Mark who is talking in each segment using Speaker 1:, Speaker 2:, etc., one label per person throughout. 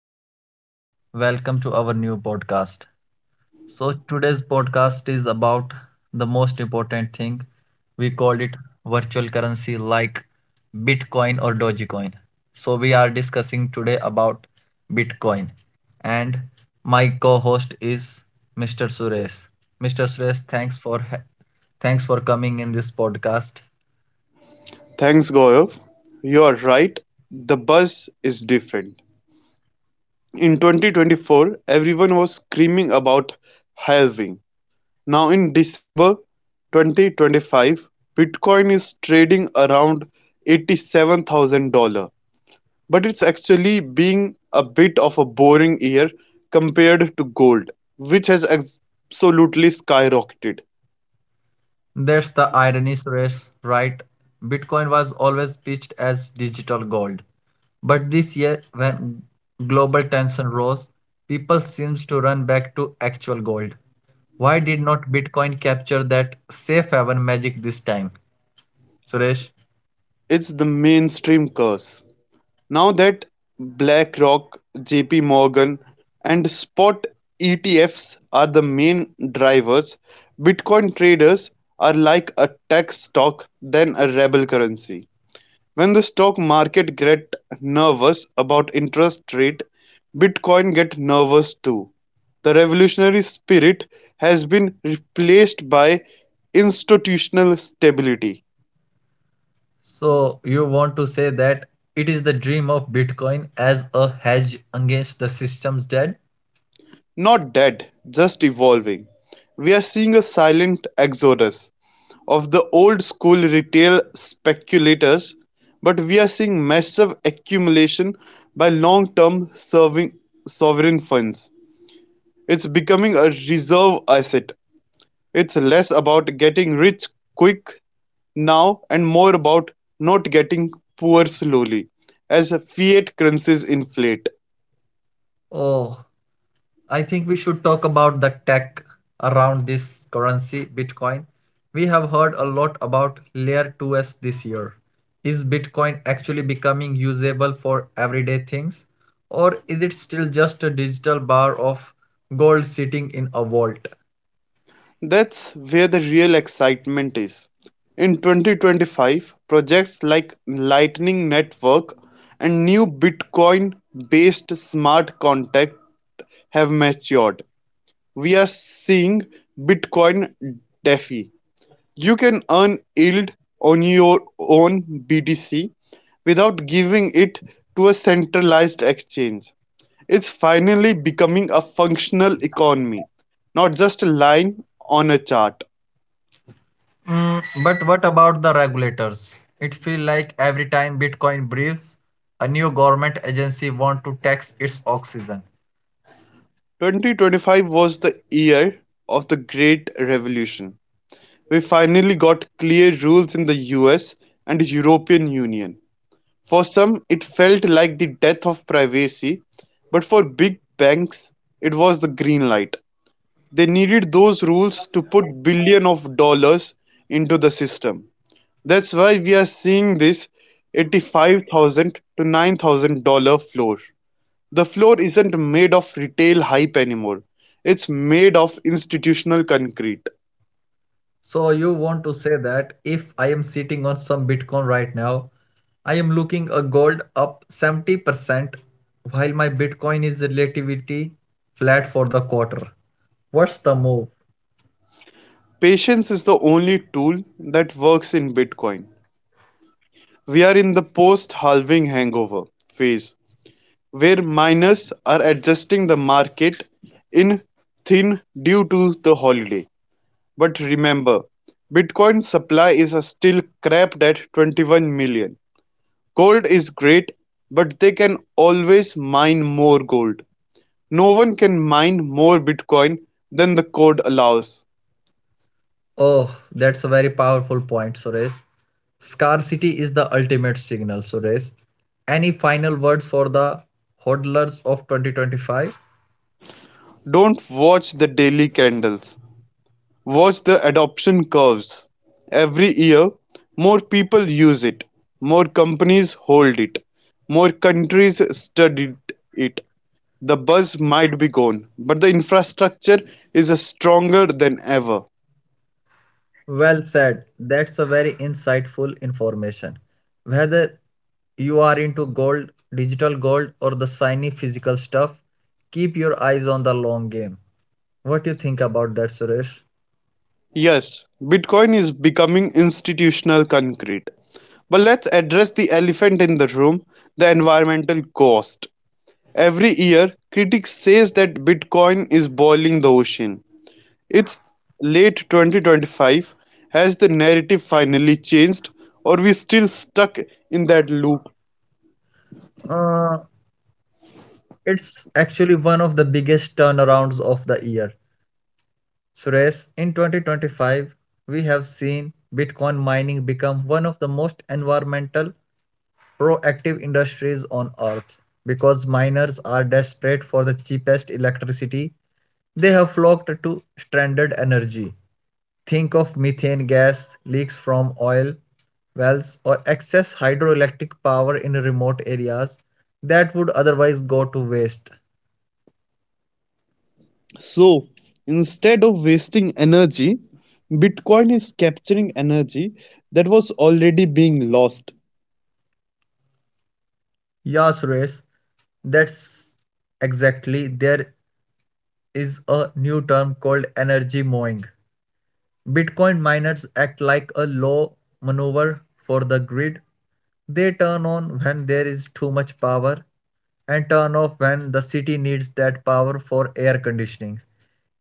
Speaker 1: Hello, guys. Welcome to our new podcast. Today's podcast is about the most important thing. We call it virtual currency like Bitcoin or Dogecoin. We are discussing today about Bitcoin. And my co host is Mr. Suresh. Mr. Suresh, Thanks for coming in this podcast.
Speaker 2: Thanks, Gaurav. You are right. The buzz is different. In 2024, everyone was screaming about halving. Now, in December 2025, Bitcoin is trading around $87,000. But it's actually being a bit of a boring year compared to gold, which has absolutely skyrocketed.
Speaker 1: That's the irony, Suresh, right? Bitcoin was always pitched as digital gold. But this year, when global tension rose, people seems to run back to actual gold. Why did not Bitcoin capture that safe haven magic this time, Suresh?
Speaker 2: It's the mainstream curse. Now that BlackRock, JP Morgan, and spot ETFs are the main drivers, Bitcoin traders are like a tech stock than a rebel currency. When the stock market get nervous about interest rate, Bitcoin get nervous too. The revolutionary spirit has been replaced by institutional stability.
Speaker 1: So you want to say that it is the dream of Bitcoin as a hedge against the system's dead?
Speaker 2: Not dead, just evolving. We're seeing a silent exodus of the old school retail speculators, but we are seeing massive accumulation by long term serving sovereign funds. It's becoming a reserve asset. It's less about getting rich quick now and more about not getting poor slowly as fiat currencies inflate.
Speaker 1: Oh, I think we should talk about the tech around this currency, Bitcoin. We have heard a lot about Layer 2s this year. Is Bitcoin actually becoming usable for everyday things, or is it still just a digital bar of gold sitting in a vault?
Speaker 2: That's where the real excitement is. In 2025, projects like Lightning Network and new Bitcoin based smart contract have matured. We are seeing Bitcoin DeFi. You can earn yield on your own BTC without giving it to a centralized exchange. It's finally becoming a functional economy, not just a line on a chart.
Speaker 1: But what about the regulators? It feels like every time Bitcoin breathes, a new government agency wants to tax its oxygen.
Speaker 2: 2025 was the year of the Great Revolution. We finally got clear rules in the US and European Union. For some, it felt like the death of privacy, but for big banks, it was the green light. They needed those rules to put billions of dollars into the system. That's why we are seeing this 85,000 to $9,000 floor. The floor isn't made of retail hype anymore. It's made of institutional concrete.
Speaker 1: So you want to say that if I am sitting on some Bitcoin right now, I am looking a gold up 70% while my Bitcoin is relatively flat for the quarter. What's the move?
Speaker 2: Patience is the only tool that works in Bitcoin. We are in the post halving hangover phase where miners are adjusting the market in thin due to the holiday. But remember, Bitcoin supply is still capped at 21 million. Gold is great, but they can always mine more gold. No one can mine more Bitcoin than the code allows.
Speaker 1: Oh, that's a very powerful point, Suresh. Scarcity is the ultimate signal, Suresh. Any final words for the hodlers of 2025?
Speaker 2: Don't watch the daily candles. Watch the adoption curves. Every year, more people use it, more companies hold it, more countries study it. The buzz might be gone, but the infrastructure is stronger than ever.
Speaker 1: Well said. That's a very insightful information. Whether you are into gold, digital gold, or the shiny physical stuff, keep your eyes on the long game. What do you think about that, Suresh?
Speaker 2: Yes, Bitcoin is becoming institutional concrete. But let's address the elephant in the room, the environmental cost. Every year, critics say that Bitcoin is boiling the ocean. It's late 2025. Has the narrative finally changed, or we still stuck in that loop?
Speaker 1: Uh, it's actually one of the biggest turnarounds of the year. Suresh, in 2025, we have seen Bitcoin mining become one of the most environmental proactive industries on earth because miners are desperate for the cheapest electricity. They have flocked to stranded energy. Think of methane gas leaks from oil wells or excess hydroelectric power in remote areas that would otherwise go to waste.
Speaker 2: So, instead of wasting energy, Bitcoin is capturing energy that was already being lost.
Speaker 1: Yeah, Suresh, that's exactly. There is a new term called energy mowing. Bitcoin miners act like a law maneuver for the grid. They turn on when there is too much power and turn off when the city needs that power for air conditioning.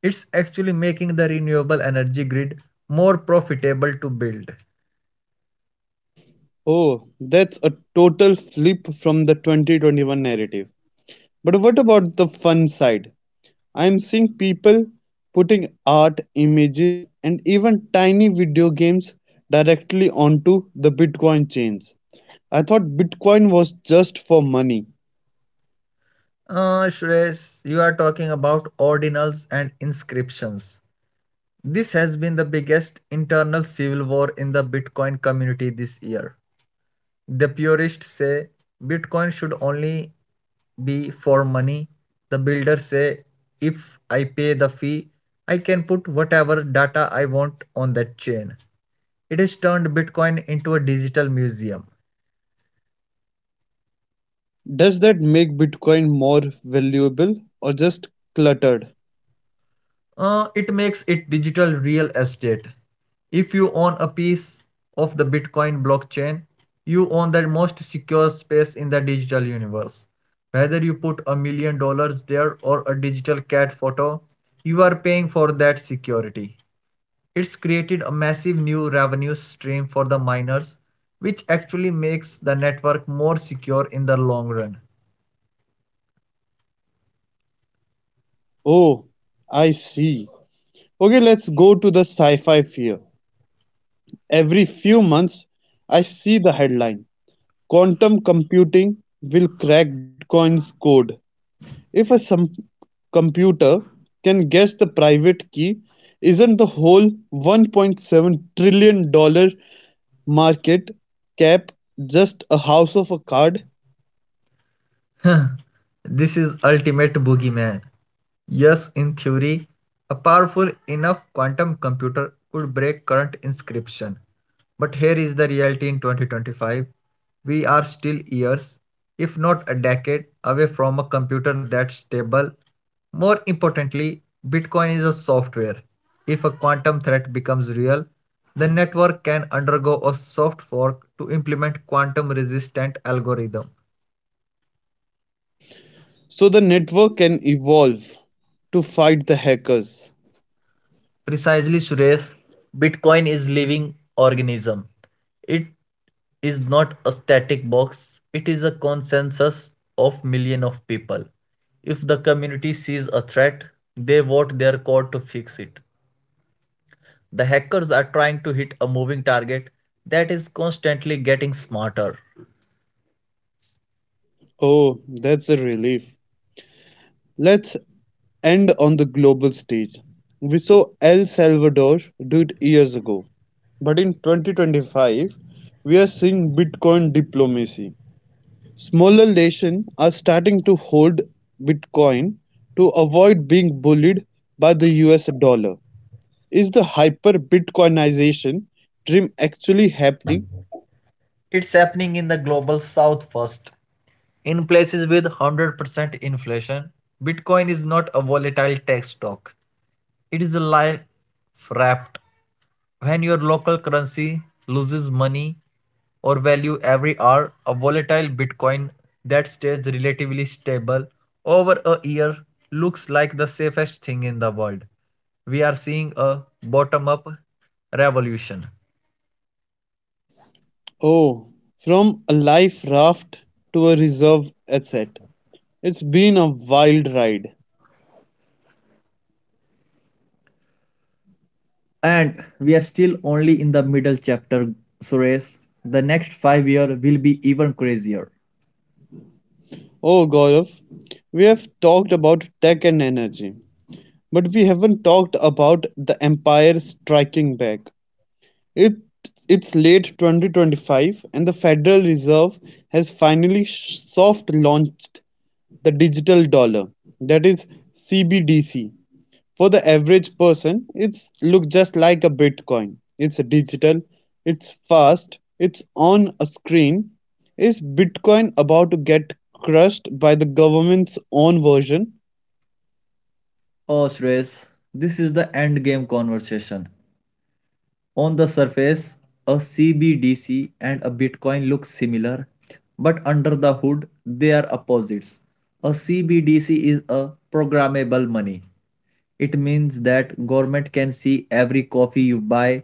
Speaker 1: It's actually making the renewable energy grid more profitable to build.
Speaker 2: Oh, that's a total flip from the 2021 narrative. But what about the fun side? I'm seeing people putting art, images, and even tiny video games directly onto the Bitcoin chains. I thought Bitcoin was just for money.
Speaker 1: Shreyas, you are talking about ordinals and inscriptions. This has been the biggest internal civil war in the Bitcoin community this year. The purists say Bitcoin should only be for money. The builders say if I pay the fee, I can put whatever data I want on that chain. It has turned Bitcoin into a digital museum.
Speaker 2: Does that make Bitcoin more valuable or just cluttered?
Speaker 1: It makes it digital real estate. If you own a piece of the Bitcoin blockchain, you own the most secure space in the digital universe. Whether you put $1 million there or a digital cat photo, you are paying for that security. It's created a massive new revenue stream for the miners, which actually makes the network more secure in the long run.
Speaker 2: Oh, I see. Okay, let's go to the sci fi fear. Every few months, I see the headline: quantum computing will crack Bitcoin's code. If a some computer can guess the private key, isn't the whole $1.7 trillion dollar market cap just a house of a card?
Speaker 1: This is ultimate boogeyman. Yes, in theory, a powerful enough quantum computer could break current inscription. But here is the reality in 2025. We are still years, if not a decade, away from a computer that's stable. More importantly, Bitcoin is a software. If a quantum threat becomes real, the network can undergo a soft fork to implement quantum resistant algorithm.
Speaker 2: So the network can evolve to fight the hackers.
Speaker 1: Precisely, Suresh, Bitcoin is living organism. It is not a static box. It is a consensus of million of people. If the community sees a threat, they vote their code to fix it. The hackers are trying to hit a moving target that is constantly getting smarter.
Speaker 2: Oh, that's a relief. Let's end on the global stage. We saw El Salvador do it years ago, but in 2025, we are seeing Bitcoin diplomacy. Smaller nations are starting to hold Bitcoin to avoid being bullied by the US dollar. Is the hyper-Bitcoinization dream actually happening?
Speaker 1: It's happening in the global south first. In places with 100% inflation, Bitcoin is not a volatile tech stock. It is a life wrapped when your local currency loses money or value every hour. A volatile Bitcoin that stays relatively stable over a year looks like the safest thing in the world. We are seeing a bottom up revolution.
Speaker 2: Oh, from a life raft to a reserve asset. It's been a wild ride.
Speaker 1: And we are still only in the middle chapter, Suresh. The next 5 year will be even crazier.
Speaker 2: Oh, Gaurav, we have talked about tech and energy, but we haven't talked about the empire striking back. It, It's late 2025 and the Federal Reserve has finally soft-launched the digital dollar, that is CBDC. For the average person, it's look just like a Bitcoin. It's digital, it's fast, it's on a screen. Is Bitcoin about to get crushed by the government's own version?
Speaker 1: Oh, Suresh, this is the end game conversation. On the surface, a CBDC and a Bitcoin look similar, but under the hood, they are opposites. A CBDC is a programmable money. It means that government can see every coffee you buy,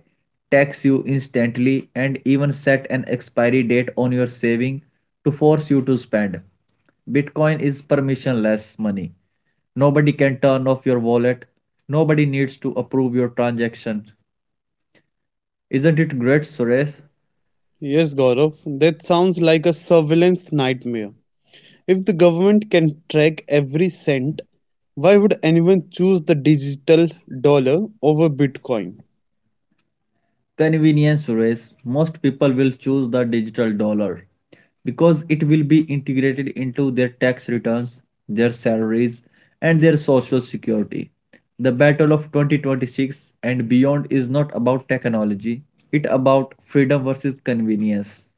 Speaker 1: tax you instantly, and even set an expiry date on your saving to force you to spend. Bitcoin is permissionless money. Nobody can turn off your wallet. Nobody needs to approve your transaction. Isn't it great, Suresh?
Speaker 2: Yes, Gaurav, that sounds like a surveillance nightmare. If the government can track every cent, why would anyone choose the digital dollar over Bitcoin?
Speaker 1: Convenience race, most people will choose the digital dollar because it will be integrated into their tax returns, their salaries, and their social security. The battle of 2026 and beyond is not about technology, it about freedom versus convenience.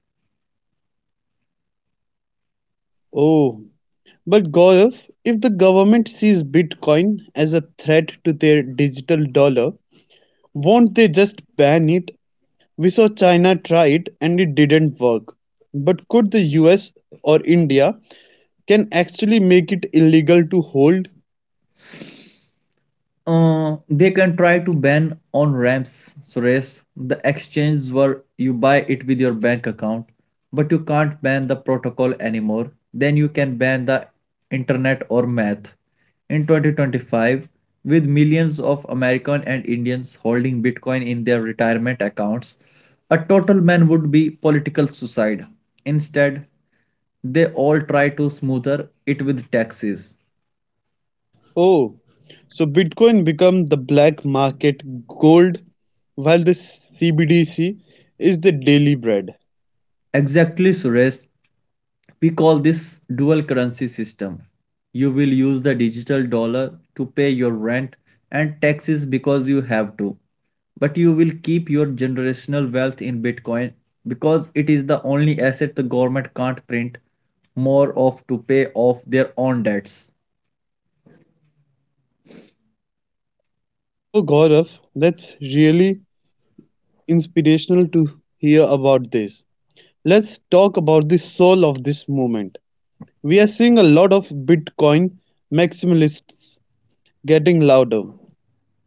Speaker 2: Oh, but Gaurav, if the government sees Bitcoin as a threat to their digital dollar, won't they just ban it? We saw China try it and it didn't work. But could the US or India can actually make it illegal to hold?
Speaker 1: They can try to ban on ramps, Suresh, the exchange where you buy it with your bank account, but you can't ban the protocol anymore. Then you can ban the internet or math. In 2025, with millions of American and Indians holding Bitcoin in their retirement accounts, a total ban would be political suicide. Instead, they all try to smoother it with taxes.
Speaker 2: Oh, so Bitcoin become the black market gold while the CBDC is the daily bread.
Speaker 1: Exactly, Suresh. We call this dual currency system. You will use the digital dollar to pay your rent and taxes because you have to, but you will keep your generational wealth in Bitcoin because it is the only asset the government can't print more of to pay off their own debts.
Speaker 2: Oh, Gaurav, that's really inspirational to hear about this. Let's talk about the soul of this movement. We are seeing a lot of Bitcoin maximalists getting louder.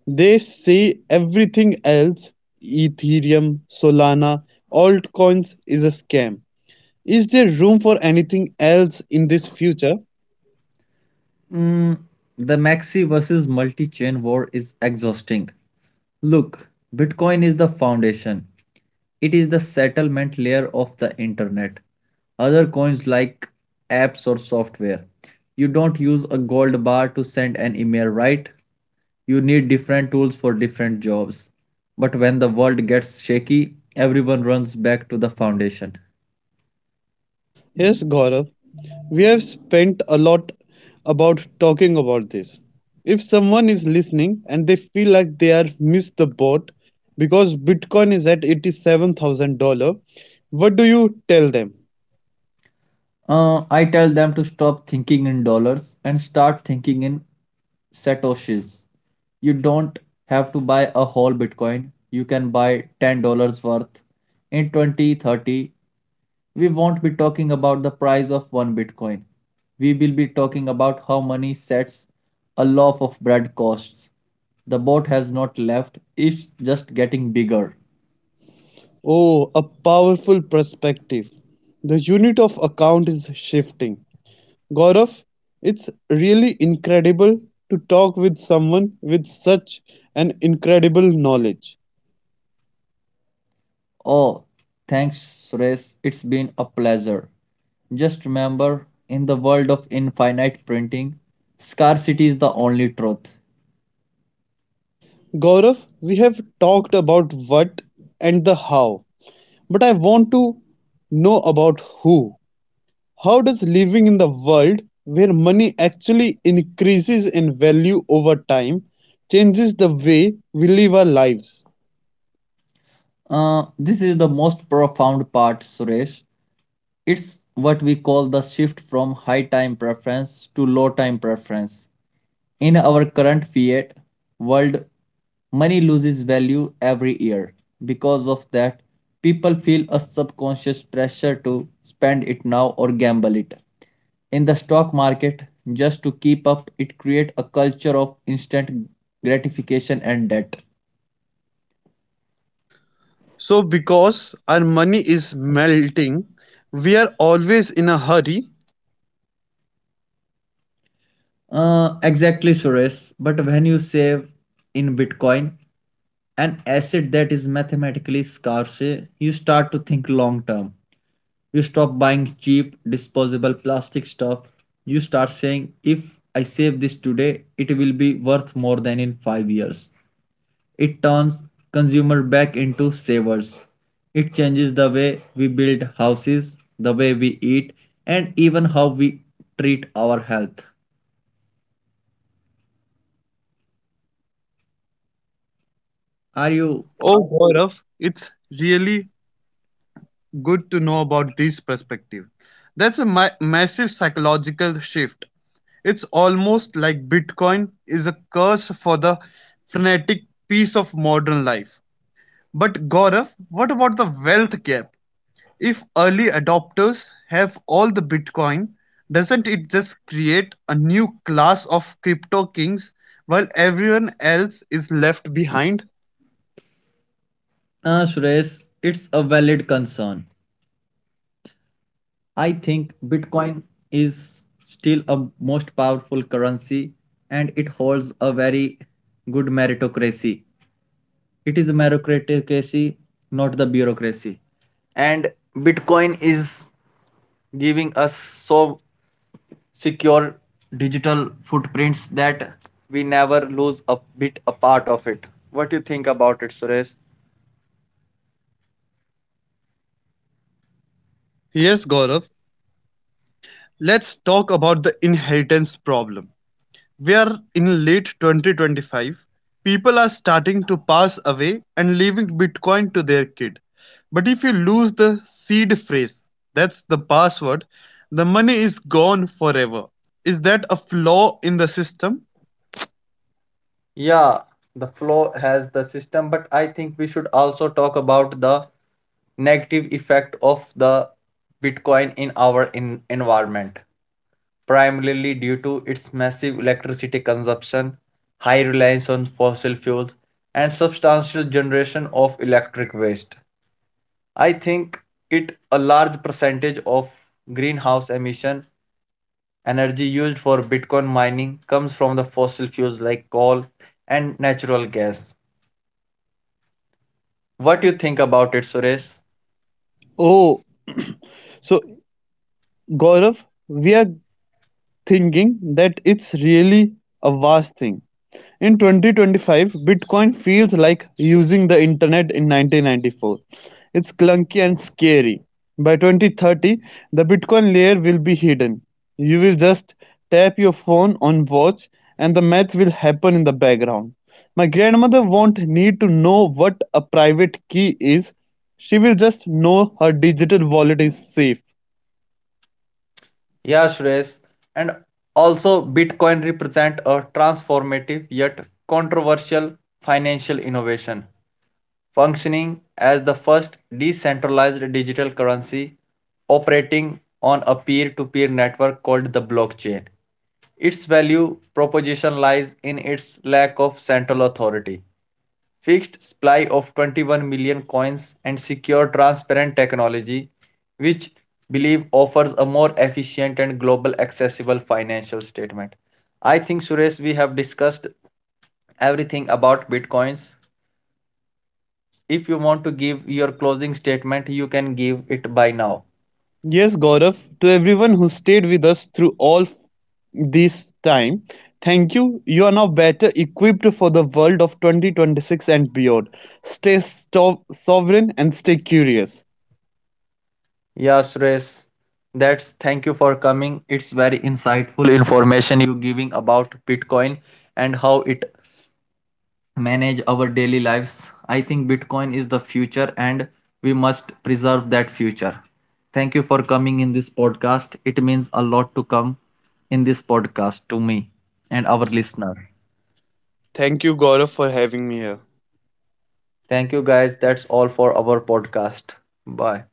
Speaker 2: They say everything else, Ethereum, Solana, altcoins is a scam. Is there room for anything else in this future?
Speaker 1: Mm, the maxi versus multi chain war is exhausting. Look, Bitcoin is the foundation. It is the settlement layer of the internet. Other coins like apps or software. You don't use a gold bar to send an email, right? You need different tools for different jobs. But when the world gets shaky, everyone runs back to the foundation.
Speaker 2: Yes, Gaurav, we have spent a lot about talking about this. If someone is listening and they feel like they are missed the boat because Bitcoin is at $87,000, what do you tell them?
Speaker 1: I tell them to stop thinking in dollars and start thinking in satoshis. You don't have to buy a whole Bitcoin. You can buy $10 worth in 2030. We won't be talking about the price of one Bitcoin. We will be talking about how money sets a loaf of bread costs. The boat has not left, it's just getting bigger.
Speaker 2: Oh, a powerful perspective. The unit of account is shifting. Gaurav, it's really incredible to talk with someone with such an incredible knowledge.
Speaker 1: Oh, thanks, Suresh. It's been a pleasure. Just remember, in the world of infinite printing, scarcity is the only truth.
Speaker 2: Gaurav, we have talked about what and the how, but I want to know about who. How does living in the world where money actually increases in value over time changes the way we live our lives?
Speaker 1: This is the most profound part, Suresh. It's what we call the shift from high time preference to low time preference. In our current fiat world, money loses value every year. Because of that, people feel a subconscious pressure to spend it now or gamble it. In the stock market, just to keep up, it creates a culture of instant gratification and debt.
Speaker 2: So because our money is melting, we are always in a hurry.
Speaker 1: Exactly, Suresh. But when you save in Bitcoin, an asset that is mathematically scarce, you start to think long term. You stop buying cheap, disposable plastic stuff. You start saying, if I save this today, it will be worth more than in 5 years. It turns consumer back into savers. It changes the way we build houses, the way we eat, and even how we treat our health. Are you?
Speaker 2: Oh Gaurav, it's really good to know about this perspective. That's a massive psychological shift. It's almost like Bitcoin is a curse for the frenetic piece of modern life. But Gaurav, what about the wealth gap? If early adopters have all the Bitcoin, doesn't it just create a new class of crypto kings while everyone else is left behind?
Speaker 1: Suresh, it's a valid concern. I think Bitcoin is still a most powerful currency and it holds a very good meritocracy. It is a meritocracy, not the bureaucracy. And Bitcoin is giving us so secure digital footprints that we never lose a bit a part of it. What do you think about it, Suresh?
Speaker 2: Yes, Gaurav, let's talk about the inheritance problem. We are in late 2025. People are starting to pass away and leaving Bitcoin to their kid. But if you lose the seed phrase, that's the password, the money is gone forever. Is that a flaw in the system?
Speaker 1: Yeah, the flow has the system, but I think we should also talk about the negative effect of the Bitcoin in our environment, primarily due to its massive electricity consumption, high reliance on fossil fuels, and substantial generation of electric waste. I think it a large percentage of greenhouse emission energy used for Bitcoin mining comes from the fossil fuels like coal and natural gas. What you think about it, Suresh?
Speaker 2: Oh, so Gaurav, we are thinking that it's really a vast thing. In 2025, Bitcoin feels like using the internet in 1994. It's clunky and scary. By 2030, the Bitcoin layer will be hidden. You will just tap your phone on watch and the math will happen in the background. My grandmother won't need to know what a private key is. She will just know her digital wallet is safe.
Speaker 1: Yeah, Suresh, and also Bitcoin represent a transformative yet controversial financial innovation, functioning as the first decentralized digital currency operating on a peer-to-peer network called the blockchain. Its value proposition lies in its lack of central authority, fixed supply of 21 million coins and secure transparent technology, which believe offers a more efficient and global accessible financial statement. I think, Suresh, we have discussed everything about bitcoins. If you want to give your closing statement you can give it by now.
Speaker 2: Yes, Gaurav, to everyone who stayed with us through all this time, thank you. You are now better equipped for the world of 2026 and beyond. Stay sovereign and stay curious.
Speaker 1: Yeah, Suresh, that's thank you for coming. It's very insightful information you giving about Bitcoin and how it manage our daily lives. I think Bitcoin is the future and we must preserve that future. Thank you for coming in this podcast. It means a lot to come in this podcast to me and our listener.
Speaker 2: Thank you, Gaurav, for having me here.
Speaker 1: Thank you guys. That's all for our podcast. Bye.